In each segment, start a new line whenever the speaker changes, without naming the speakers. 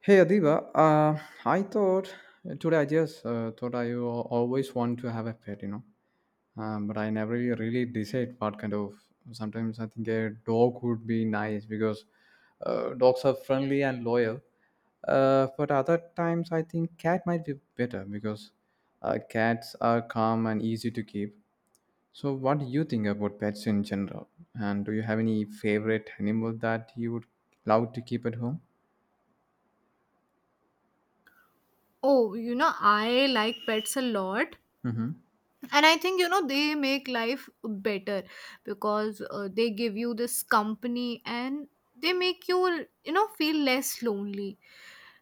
Hey Adiba, I thought today I just thought I always want to have a pet, you know, but I never really decide what kind of. Sometimes I think a dog would be nice because dogs are friendly and loyal. But other times I think cat might be better because cats are calm and easy to keep. So what do you think about pets in general? And do you have any favorite animal that you would love to keep at home?
Oh, you know, I like pets a lot.
Mm-hmm.
And I think, you know, they make life better because they give you this company and they make you, you know, feel less lonely.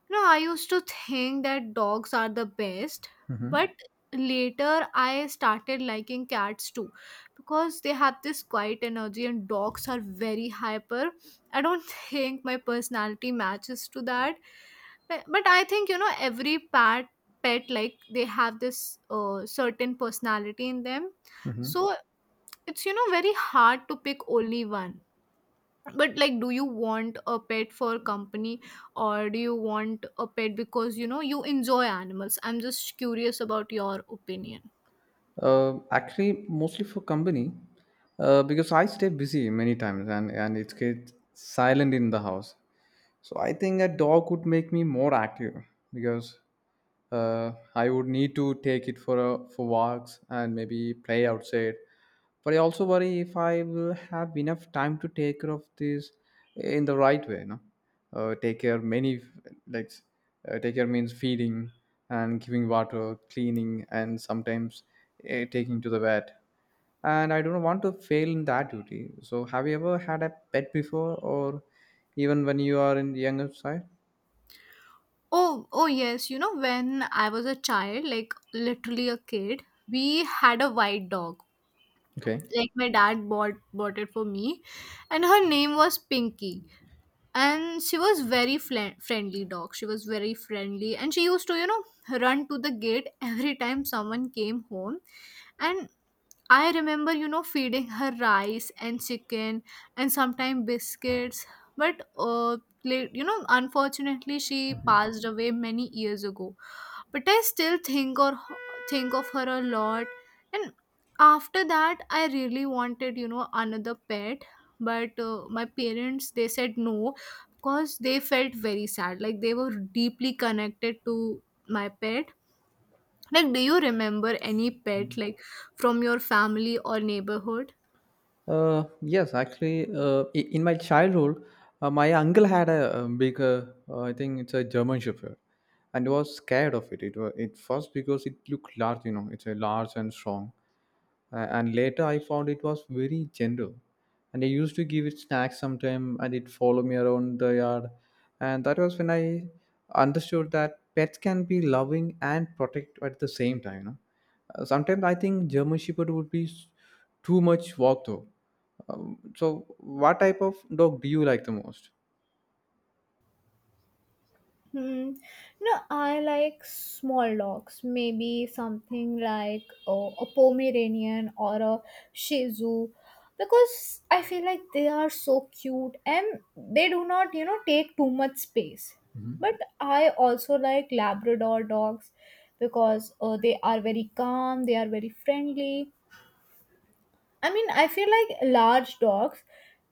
You know, I used to think that dogs are the best,
Mm-hmm.
but later I started liking cats too because they have this quiet energy and dogs are very hyper. I don't think my personality matches to that. But I think, you know, every pet like they have this certain personality in them
Mhm.
so it's, you know, very hard to pick only one. But like, do you want a pet for company, or do you want a pet because you know you enjoy animals? I'm just curious about your opinion.
Actually, mostly for company, because I stay busy many times and it gets silent in the house. So I think a dog would make me more active because I would need to take it for for walks and maybe play outside. But I also worry if I will have enough time to take care of this in the right way. No, uh, take care many like take care means feeding and giving water, cleaning, and sometimes taking to the vet. And I don't want to fail in that duty. So, have you ever had a pet before, or even when you are in the younger side?
Oh, yes, you know, when I was a child, like literally a kid, we had a white dog.
Okay.
Like my dad bought it for me, and her name was Pinky. And she was very fl- friendly dog she was very friendly, and she used to, you know, run to the gate every time someone came home. And I remember, you know, feeding her rice and chicken and sometimes biscuits. But you know, unfortunately she
Mhm.
passed away many years ago. But I still think of her a lot. And after that, I really wanted, you know, another pet, but my parents, they said no because they felt very sad. Like, they were deeply connected to my pet. Like, do you remember any pet like from your family or neighborhood?
Uh, yes, actually, in my childhood, my uncle had a big I think it's a German Shepherd, and was scared of it. It was it first because it looked large, you know, it's a large and strong. And later I found it was very gentle, and I used to give it snacks sometime, and it followed me around the yard, and that was when I understood that pets can be loving and protect at the same time, you know. Sometimes I think German Shepherd would be too much work though. Um, so what type of dog do you like the most?
Hmm. No, I like small dogs. Maybe something like a Pomeranian or a Shih Tzu, because I feel like they are so cute and they do not, you know, take too much space.
Mhm.
But I also like Labrador dogs because they are very calm. They are very friendly. I mean, I feel like large dogs,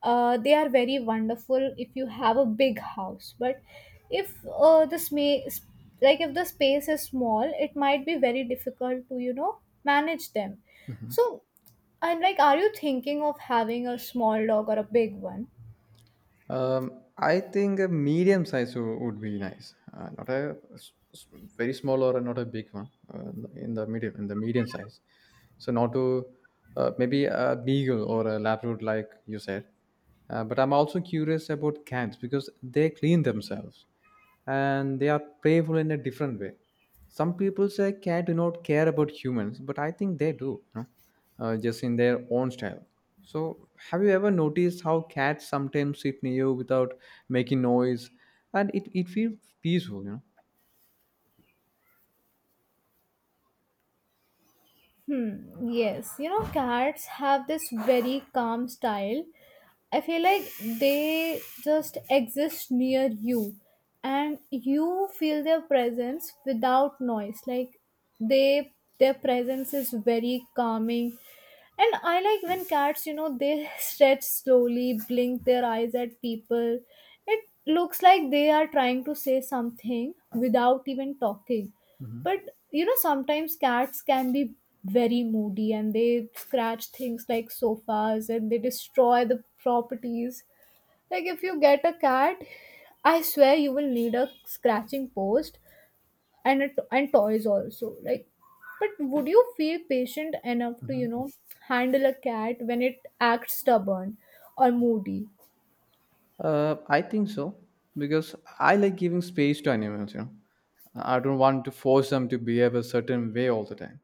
they are very wonderful if you have a big house. But if like if the space is small, it might be very difficult to, you know, manage them. So I'm like, are you thinking of having a small dog or a big one?
I think a medium size would be nice. Not a very small or not a big one. In the medium size. So not to maybe a beagle or a Labrador, like you said. But I'm also curious about cats because they clean themselves and they are playful in a different way. Some people say cat do not care about humans, but I think they do, you know, just in their own style. So have you ever noticed how cats sometimes sit near you without making noise, and it feels peaceful, you know?
Hmm, yes, you know, cats have this very calm style. I feel like they just exist near you and you feel their presence without noise. Like, they their presence is very calming. And I like when cats, you know, they stretch slowly, blink their eyes at people. It looks like they are trying to say something without even talking.
Mhm.
But you know, sometimes cats can be very moody, and they scratch things like sofas and they destroy the properties. Like, if you get a cat, I swear you will need a scratching post and and toys also. Like, but would you feel patient enough to,
Hmm.
you know, handle a cat when it acts stubborn or moody?
I think so, because I like giving space to animals. You know, I don't want to force them to behave a certain way all the time.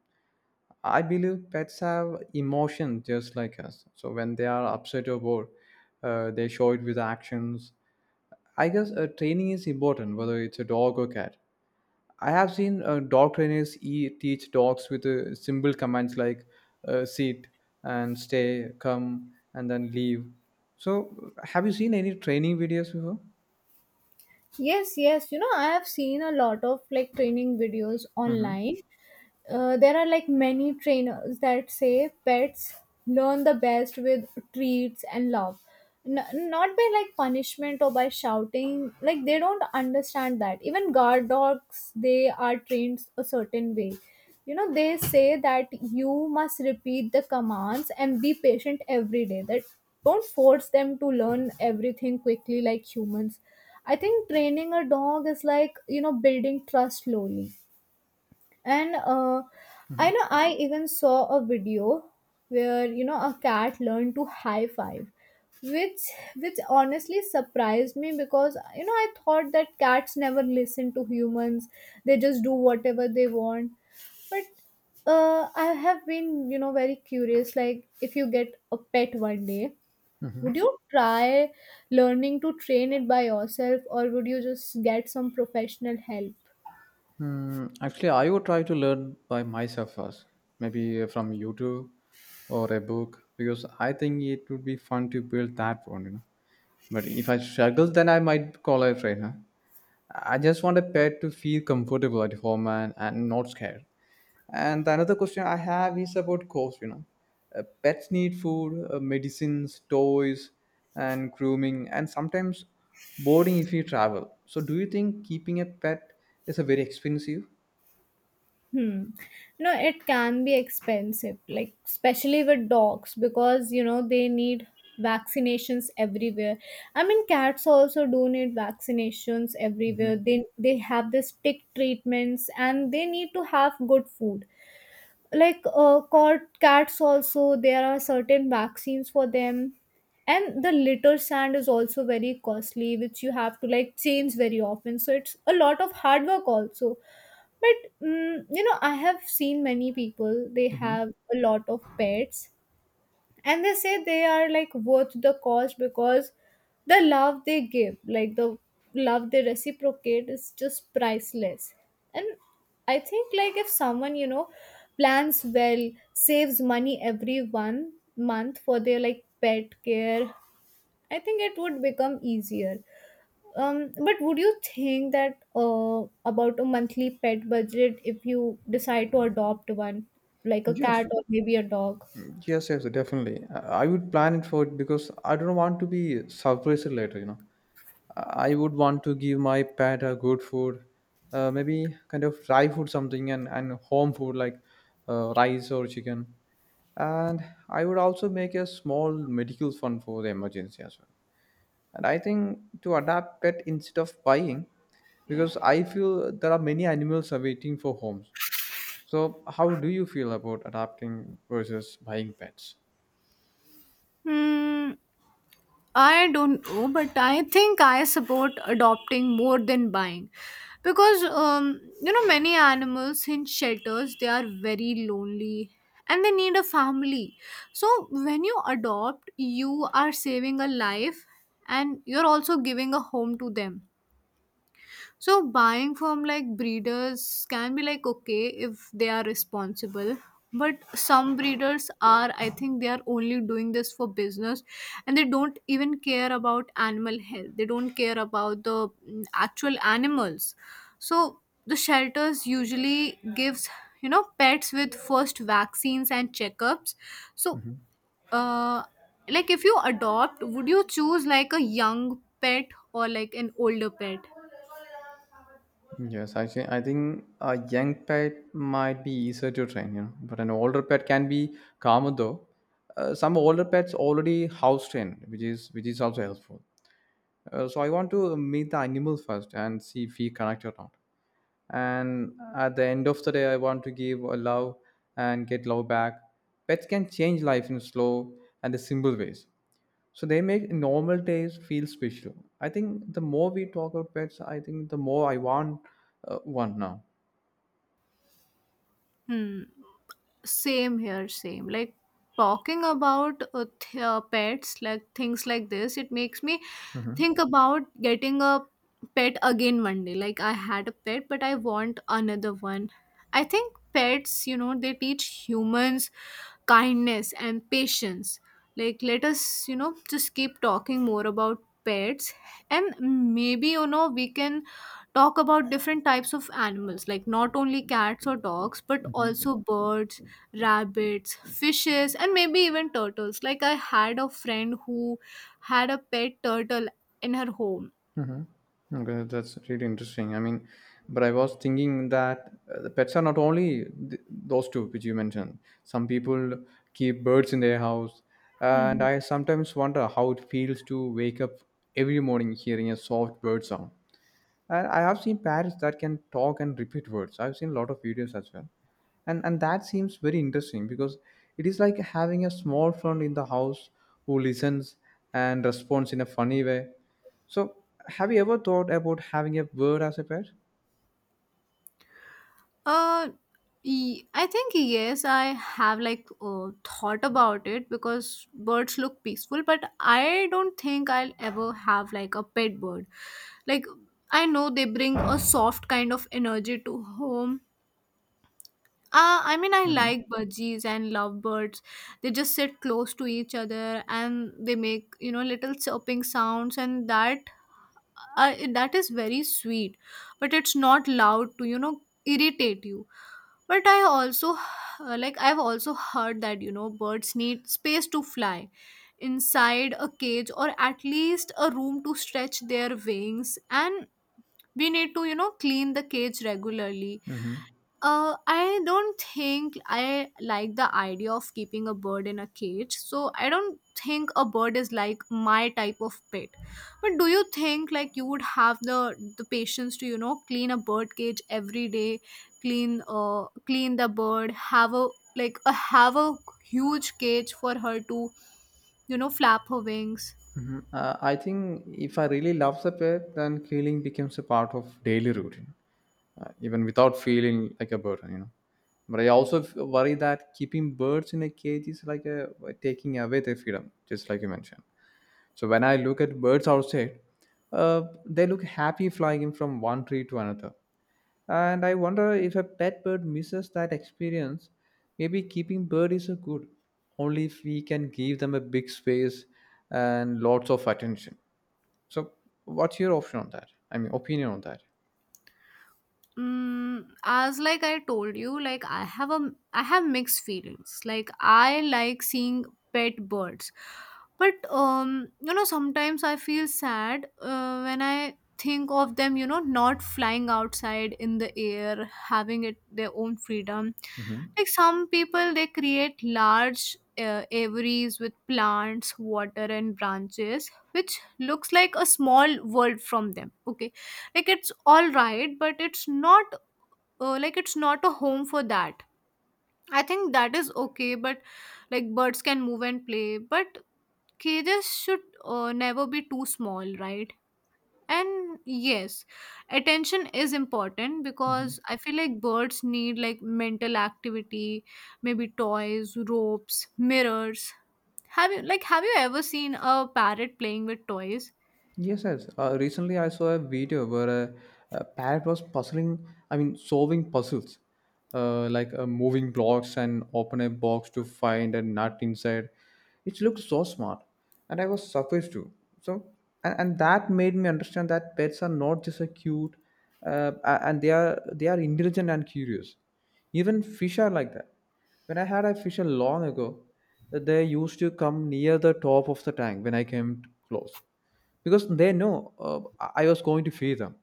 I believe pets have emotion just like us. So when they are upset or bored, they show it with actions. I guess training is important, whether it's a dog or cat. I have seen dog trainers teach dogs with simple commands like sit and stay, come and then leave. So, have you seen any training videos before?
Yes, yes. You know, I have seen a lot of like training videos
Mm-hmm.
online. There are like many trainers that say pets learn the best with treats and love, N- not by like punishment or by shouting. Like, they don't understand that. Even guard dogs, they are trained a certain way, you know. They say that you must repeat the commands and be patient every day, that don't force them to learn everything quickly like humans. I think training a dog is like, you know, building trust slowly. And
Mm-hmm.
I know, I even saw a video where, you know, a cat learned to high five, which which honestly surprised me, because you know, I thought that cats never listen to humans; they just do whatever they want. But I have been, you know, very curious. Like, if you get a pet one day,
Mm-hmm.
would you try learning to train it by yourself, or would you just get some professional help?
Hmm, actually, I would try to learn by myself first, maybe from YouTube or a book, because I think it would be fun to build that one, you know. But if I struggle, then I might call a trainer. I just want a pet to feel comfortable at home and not scared. And the another question I have is about cost, you know. Pets need food, medicines, toys, and grooming, and sometimes boarding if you travel. So, do you think keeping a pet is a very expensive?
Hmm. No, it can be expensive, like especially with dogs, because you know they need vaccinations everywhere. I mean, cats also do need vaccinations everywhere.
Hmm.
They have this tick treatments and they need to have good food. Like cats also, there are certain vaccines for them. And the litter sand is also very costly, which you have to like change very often. So it's a lot of hard work also. But you know, I have seen many people, they
Hmm.
have a lot of pets, and they say they are like worth the cost because the love they give, like the love they reciprocate is just priceless. And I think like if someone, you know, plans well, saves money every one month for their like pet care, I think it would become easier. But would you think that about a monthly pet budget if you decide to adopt one, like a cat
Yes.
or maybe a dog?
Yes, yes, definitely. I would plan it for it because I don't want to be surprised later, you know. I would want to give my pet a good food, maybe kind of dry food something and home food like rice or chicken. And I would also make a small medical fund for the emergency as well. And I think to adapt pet instead of buying, because I feel there are many animals are waiting for homes. So how do you feel about adapting versus buying pets?
Hmm, I don't know, but I think I support adopting more than buying because you know, many animals in shelters, they are very lonely and they need a family. So when you adopt, you are saving a life and you're also giving a home to them. So buying from like breeders can be like okay if they are responsible. But some breeders are, I think they are only doing this for business, and they don't even care about animal health. They don't care about the actual animals. So the shelters usually gives, you know, pets with first vaccines and checkups. So
Mhm.
uh like if you adopt, would you choose like a young pet or like an older pet?
Yes, actually, I think a young pet might be easier to train, you know, but an older pet can be calmer though. Some older pets already house trained, which is also helpful. So I want to meet the animal first and see if we connect or not. And at the end of the day, I want to give a love and get love back. Pets can change life in slow and simple ways. So they make normal days feel special. I think the more we talk about pets, I think the more I want one now.
Hmm. Same here, same. Like, talking about pets, like things like this, it makes me
Hmm.
think about getting a pet again one day. Like, I had a pet, but I want another one. I think pets, you know, they teach humans kindness and patience. Like, let us, you know, just keep talking more about pets, and maybe, you know, we can talk about different types of animals, like not only cats or dogs, but
Hmm.
also birds, rabbits, fishes, and maybe even turtles. Like, I had a friend who had a pet turtle in her home.
Hmm. Okay, that's really interesting. I mean, but I was thinking that the pets are not only those two which you mentioned. Some people keep birds in their house, and
Mhm.
I sometimes wonder how it feels to wake up every morning hearing a soft bird sound. I have seen parrots that can talk and repeat words. I've seen a lot of videos as well, and that seems very interesting because it is like having a small friend in the house who listens and responds in a funny way. So, have you ever thought about having a bird as a pet?
Uh, I think yes, I have like thought about it because birds look peaceful, but I don't think I'll ever have like a pet bird. Like, I know they bring a soft kind of energy to home. I mean, I
Mm-hmm.
like budgies and lovebirds. They just sit close to each other, and they make, you know, little chirping sounds, and that is very sweet. But it's not loud to, you know, irritate you. But I also like, I've also heard that, you know, birds need space to fly inside a cage or at least a room to stretch their wings, and we need to, you know, clean the cage regularly.
Mm-hmm.
I don't think I like the idea of keeping a bird in a cage, so I don't think a bird is like my type of pet. But do you think like you would have the patience to, you know, clean a bird cage every day, clean clean the bird, have a have a huge cage for her to, you know, flap her wings?
Mm-hmm. I think if I really love the pet, then killing becomes a part of daily routine, even without feeling like a burden, you know. But I also worry that keeping birds in a cage is like a, taking away their freedom just like you mentioned. So when I look at birds outside, they look happy flying in from one tree to another, and I wonder if a pet bird misses that experience. Maybe keeping bird is a good only if we can give them a big space and lots of attention. So what's your option on that, I mean opinion on that?
Mm, as like I told you, like, I have mixed feelings. Like, I like seeing pet birds, but you know, sometimes I feel sad when I think of them. You know, not flying outside in the air, having it their own freedom.
Hmm.
Like, some people, they create large aviaries with plants, water, and branches, which looks like a small world from them. Okay, like it's all right, but it's not like, it's not a home for that. I think that is okay, but like, birds can move and play, but cages should never be too small, right? And yes, attention is important because I feel like birds need like mental activity, maybe toys, ropes, mirrors. Have you ever seen a parrot playing with toys?
Yes, yes. Recently, I saw a video where a parrot was puzzling, I mean, solving puzzles, like moving blocks and open a box to find a nut inside. It looked so smart, and I was surprised too. So, and that made me understand that pets are not just a cute, and they are intelligent and curious. Even fish are like that. When I had a fish long ago, they used to come near the top of the tank when I came close because they know I was going to feed them.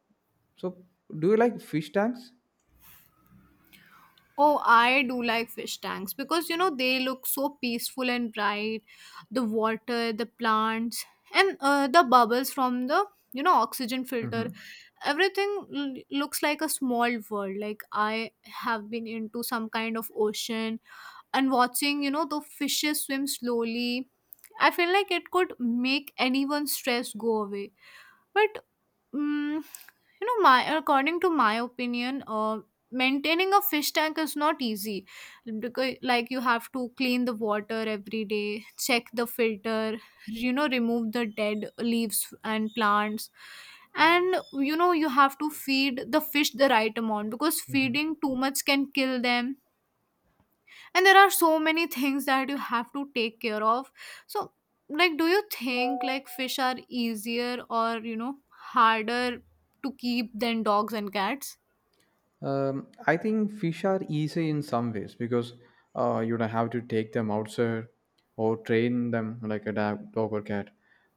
So, do you like fish tanks?
Oh, I do like fish tanks because, you know, they look so peaceful and bright. The water, the plants, and the bubbles from the, you know, oxygen filter.
Hmm.
Everything looks like a small world. Like, I have been into some kind of ocean and watching, you know, the fishes swim slowly. I feel like it could make anyone's stress go away. But Mm, you know, my according to my opinion, maintaining a fish tank is not easy because, like, you have to clean the water every day, check the filter, remove the dead leaves and plants, and you have to feed the fish the right amount because feeding too much can kill them, and there are so many things that you have to take care of, so like do you think like fish are easier or harder to keep than dogs and cats?
Um, I think fish are easy in some ways because you don't have to take them outside or train them like a dog or cat.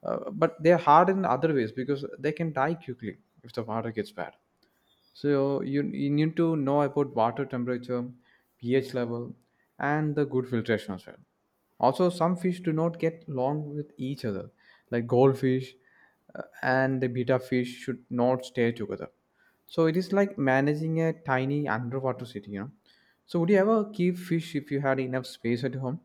But they are hard in other ways because they can die quickly if the water gets bad. So you need to know about water temperature, pH level, and the good filtration as well. Also, some fish do not get along with each other, like goldfish and the beta fish should not stay together. So it is like managing a tiny underwater city, you know. So would you ever keep fish if you had enough space at home?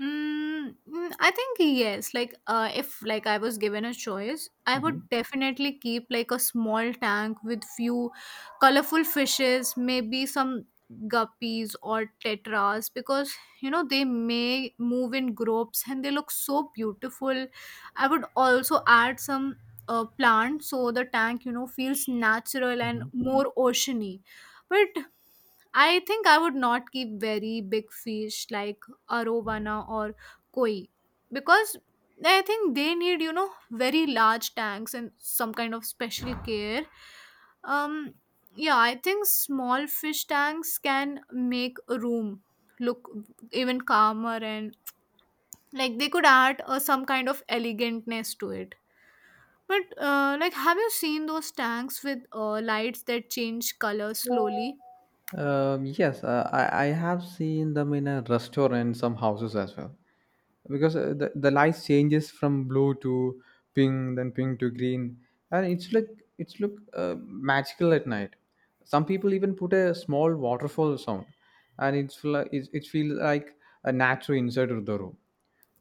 I think yes. Like, if like I was given a choice, I would
Hmm.
definitely keep like a small tank with few colorful fishes, maybe some guppies or tetras, because you know they may move in groups and they look so beautiful. I would also add some plants so the tank feels natural and
Hmm.
more oceany. But I think I would not keep very big fish like arowana or koi, because I think they need, you know, very large tanks and some kind of special care. Um yeah, I think small fish tanks can make a room look even calmer, and like they could add some kind of elegantness to it. But like have you seen those tanks with lights that change color slowly?
Yes, I have seen them in a restaurant, some houses as well, because the light changes from blue to pink, then pink to green, and it's like it's look magical at night. Some people even put a small waterfall sound, and it's like it feels like a natural inside of the room.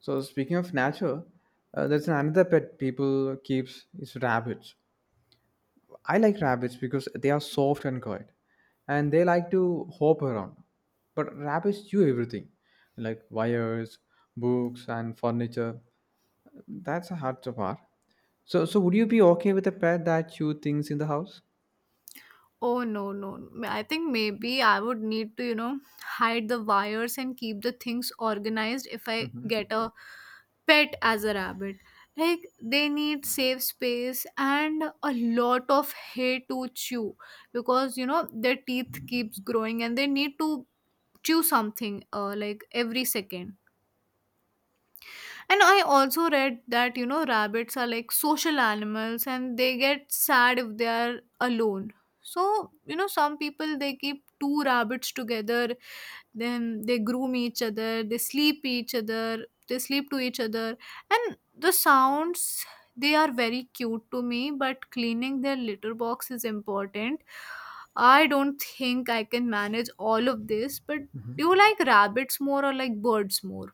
So speaking of nature, there's another pet people keeps is rabbits. I like rabbits because they are soft and quiet, and they like to hop around. But rabbits chew everything, like wires, books, and furniture. That's a hard part. So would you be okay with a pet that you things in the house?
Oh no, no, no. I think maybe I would need to, you know, hide the wires and keep the things organized if I
Hmm.
get a pet as a rabbit. Like they need safe space and a lot of hay to chew because you know their teeth keeps growing and they need to chew something like every second. And I also read that, you know, rabbits are like social animals and they get sad if they are alone. So, you know, some people they keep two rabbits together, then they groom each other, they sleep each other, they sleep to each other. And the sounds, they are very cute to me, but cleaning their litter box is important. I don't think I can manage all of this, but do you like rabbits more or like birds more?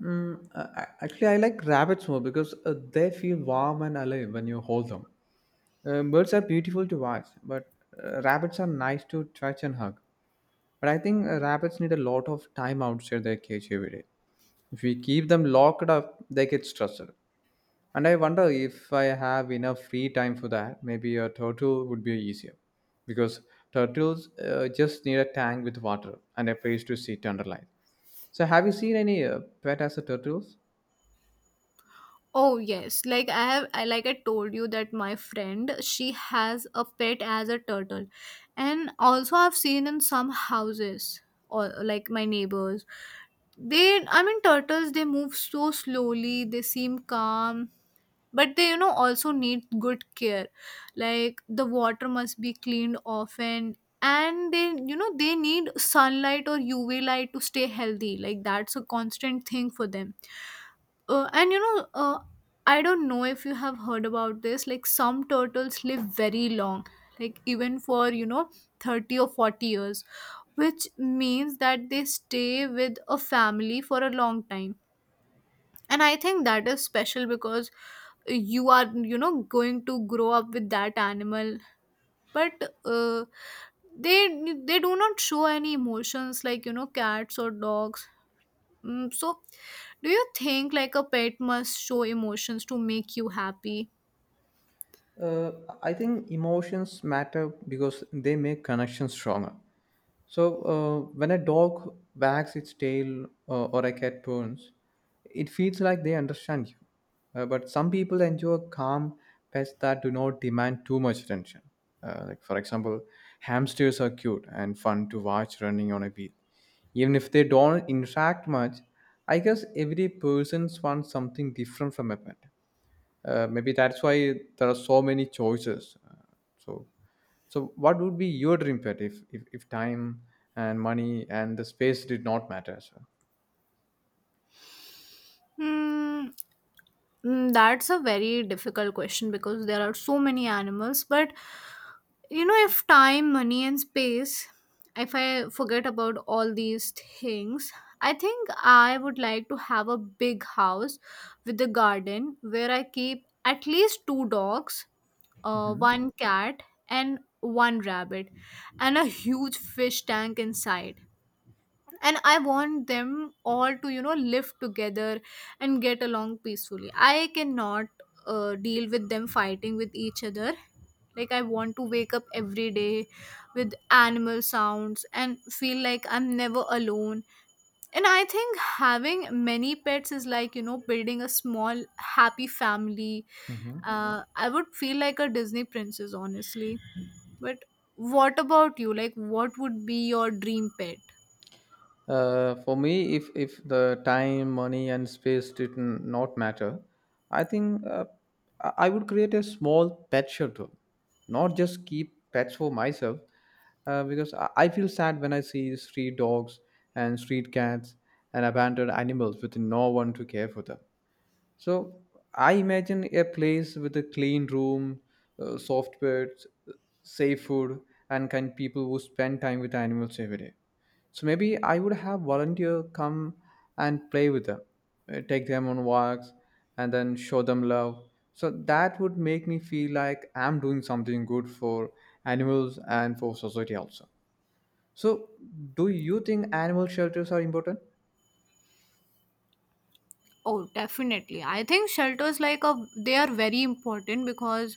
Mm, actually, I like rabbits more because they feel warm and alive when you hold them. Birds are beautiful to watch, but rabbits are nice to touch and hug. But I think rabbits need a lot of time outside their cage every day. If we keep them locked up, they get stressed. And I wonder if I have enough free time for that. Maybe a turtle would be easier. Because turtles just need a tank with water and a place to sit under light. So, have you seen any pet as a turtles?
Oh yes, like I like I told you that my friend, she has a pet as a turtle. And also I've seen in some houses or like my neighbors, they, I mean turtles, they move so slowly, they seem calm, but they you know also need good care. Like the water must be cleaned often and they, you know, they need sunlight or UV light to stay healthy. Like that's a constant thing for them. And I don't know if you have heard about this. Like some turtles live very long, like even for you know 30 or 40 years, which means that they stay with a family for a long time. And I think that is special because you are, you know, going to grow up with that animal, but they they do not show any emotions like you know cats or dogs. So, do you think like a pet must show emotions to make you happy?
Uh, I think emotions matter because they make connections stronger. So when a dog wags its tail or a cat purrs, it feels like they understand you. But some people enjoy calm pets that do not demand too much attention. For example, hamsters are cute and fun to watch running on a wheel. Even if they don't interact much, I guess every person wants something different from a pet. Maybe that's why there are so many choices. So, so what would be your dream pet if time and money and the space did not matter?
Hmm, that's a very difficult question because there are so many animals. But you know, if time, money, and space, if I forget about all these things, I think I would like to have a big house with a garden where I keep at least two dogs,
Mm-hmm.
one cat, and one rabbit, and a huge fish tank inside, and I want them all to, you know, live together and get along peacefully. I cannot deal with them fighting with each other. Like I want to wake up every day with animal sounds and feel like I'm never alone, and I think having many pets is like, you know, building a small happy family. I would feel like a Disney princess, honestly. But what about you, like what would be your dream pet?
For me, if the time, money, and space did not matter, I think I would create a small pet shelter, not just keep pets for myself, because I feel sad when I see street dogs and street cats and abandoned animals with no one to care for them. So I imagine a place with a clean room, soft beds, safe food, and kind people who spend time with animals every day. So maybe I would have volunteer come and play with them, take them on walks, and then show them love. So that would make me feel like I'm doing something good for animals and for society also. So do you think animal shelters are important?
Oh, definitely. I think shelters, like, a they are very important because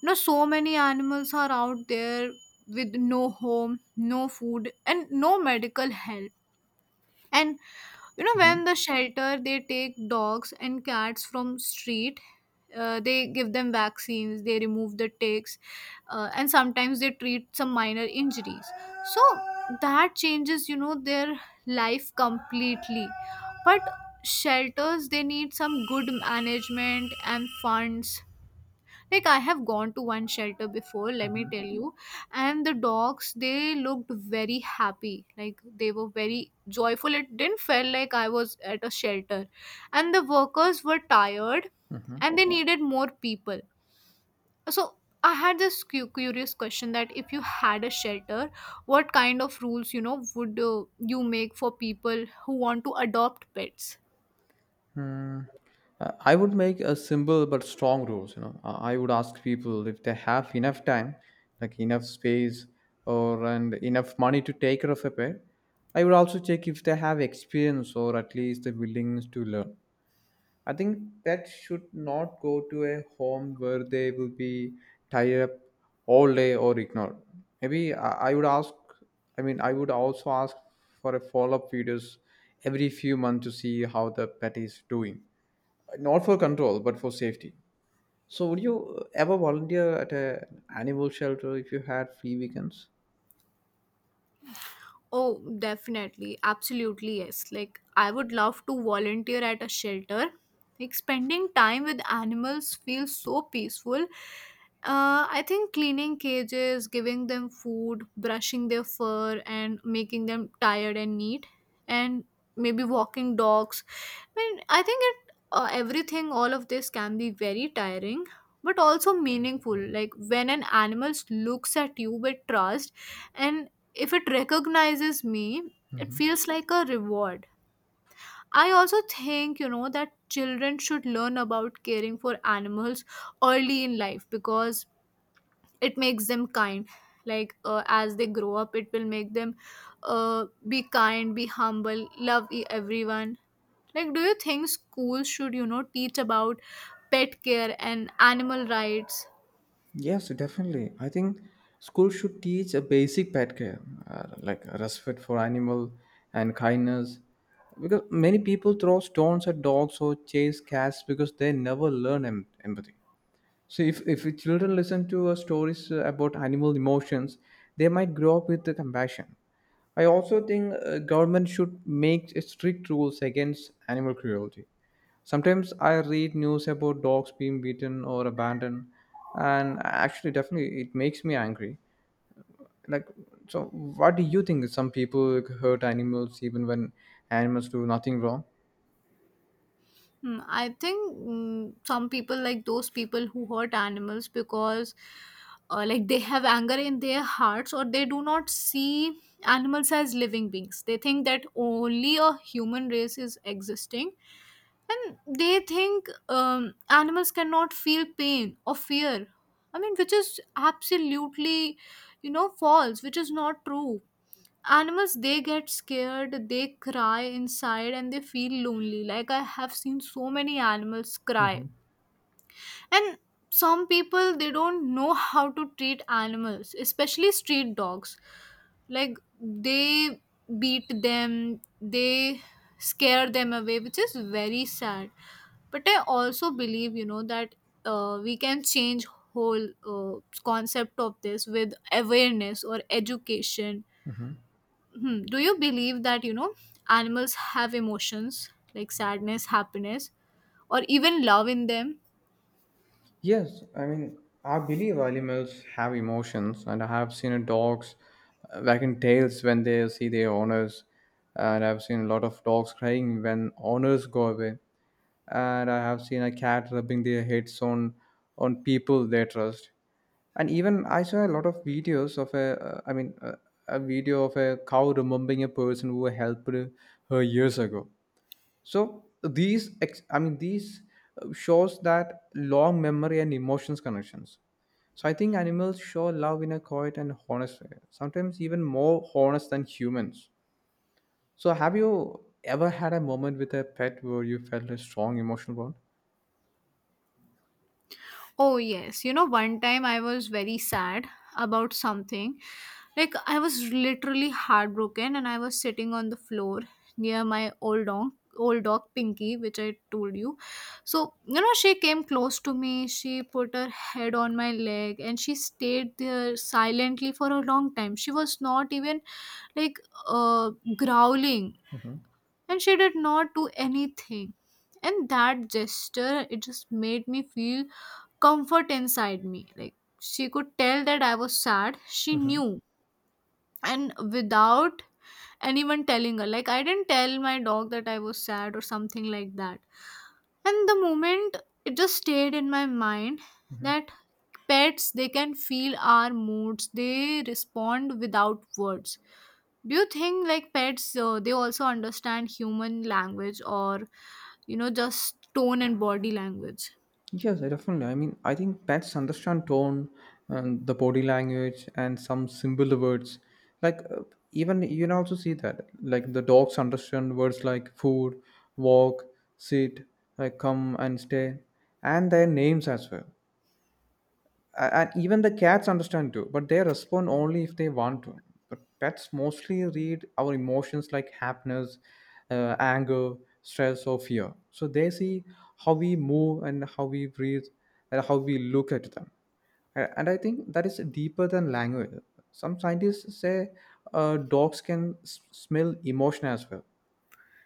you know so many animals are out there with no home, no food, and no medical help. And you know
hmm
when the shelter they take dogs and cats from street, they give them vaccines, they remove the ticks, and sometimes they treat some minor injuries. So that changes, you know, their life completely. But shelters, they need some good management and funds. Like I have gone to one shelter before, let me tell you, and the dogs they looked very happy. Like they were very joyful. It didn't feel like I was at a shelter. And the workers were tired
hmm
and they needed more people. So I had this curious question, that if you had a shelter, what kind of rules, you know, would you make for people who want to adopt pets?
Hmm. I would make a simple but strong rules. You know, I would ask people if they have enough time, like enough space, or and enough money to take care of a pet. I would also check if they have experience or at least the willingness to learn. I think pets should not go to a home where they will be tied up all day or ignored. Maybe I would ask. I mean, I would also ask for a follow-up videos every few months to see how the pet is doing, not for control, but for safety. So, would you ever volunteer at a animal shelter if you had free weekends?
Oh, definitely. Absolutely, yes. Like, I would love to volunteer at a shelter. Like, spending time with animals feels so peaceful. I think cleaning cages, giving them food, brushing their fur, and making them tired and neat, and maybe walking dogs. I mean, I think it, everything, all of this can be very tiring, but also meaningful. Like when an animal looks at you with trust, and if it recognizes me, it
hmm
feels like a reward. I also think, you know, that children should learn about caring for animals early in life because it makes them kind. Like, as they grow up, it will make them be kind, be humble, love everyone. Like, do you think schools should, you know, teach about pet care and animal rights?
Yes, definitely. I think school should teach a basic pet care, like respect for animal and kindness. Because many people throw stones at dogs or chase cats because they never learn empathy. So if the children listen to stories about animal emotions, they might grow up with the compassion. I also think government should make strict rules against animal cruelty. Sometimes I read news about dogs being beaten or abandoned, and actually, definitely, it makes me angry. Like, so what do you think? Some people hurt animals even when animals do nothing wrong.
I think some people, like those people who hurt animals, because like they have anger in their hearts or they do not see animals as living beings. They think that only a human race is existing, and they think animals cannot feel pain or fear. I mean, which is absolutely, you know, false, which is not true. Animals, they get scared, they cry inside, and they feel lonely. Like I have seen so many animals cry.
hmm
And some people, they don't know how to treat animals, especially street dogs. Like they beat them, they scare them away, which is very sad. But I also believe, you know, that we can change whole concept of this with awareness or education. Hmm. Do you believe that, you know, animals have emotions like sadness, happiness, or even love in them?
Yes, I mean, I believe animals have emotions, and I have seen a dogs wagging tails when they see their owners, and I've seen a lot of dogs crying when owners go away, and I have seen a cat rubbing their heads on people they trust, and even I saw a lot of videos of a video of a cow remembering a person who helped her years ago. So these, ex- I mean, these shows that long memory and emotions connections. So I think animals show love in a quiet and honest way, sometimes even more honest than humans. So have you ever had a moment with a pet where you felt a strong emotional
Oh, yes. You know, one time I was very sad about something. Like, I was literally heartbroken and I was sitting on the floor near my old dog Pinky, which I told you. So, you know, she came close to me. She put her head on my leg and she stayed there silently for a long time. She was not even like growling,
bond?
and she did not do anything. And that gesture, it just made me feel comfort inside me. Like she could tell that I was sad. She
hmm
knew, and without anyone telling her, like I didn't tell my dog that I was sad or something like that. And the moment, it just stayed in my mind,
hmm
that pets, they can feel our moods, they respond without words. Do you think like pets they also understand human language, or you know just tone and body language?
Yes, I definitely. I mean, I think pets understand tone and the body language and some symbol words. Like, even you can also see that. Like, the dogs understand words like food, walk, sit, like come and stay, and their names as well. And even the cats understand too, but they respond only if they want to. But pets mostly read our emotions like happiness, anger, stress or fear. So they see how we move and how we breathe and how we look at them. And I think that is deeper than language. Some scientists say dogs can smell emotion as well.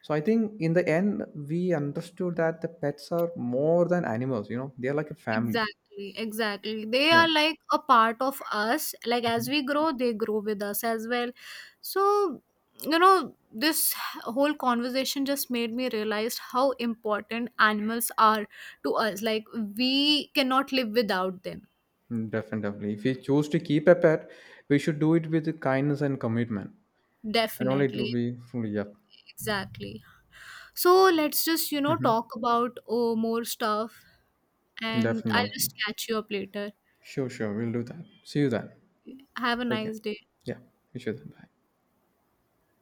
So I think in the end we understood that the pets are more than animals. You know, they are like a family.
Exactly, exactly, they are like a part of us. Like as we grow, they grow with us as well. So you know this whole conversation just made me realize how important animals are to us, like we cannot live without them.
Mm, definitely. If we choose to keep a pet, we should do it with kindness and commitment. Then only it will
Definitely,
be fully up.
exactly. So let's just, you know,
hmm
talk about oh, more stuff and I'll
Definitely.
just catch you up later.
Sure, sure. We'll do that. See you then.
Have a
Take care.
nice day.
Yeah. We should. Bye.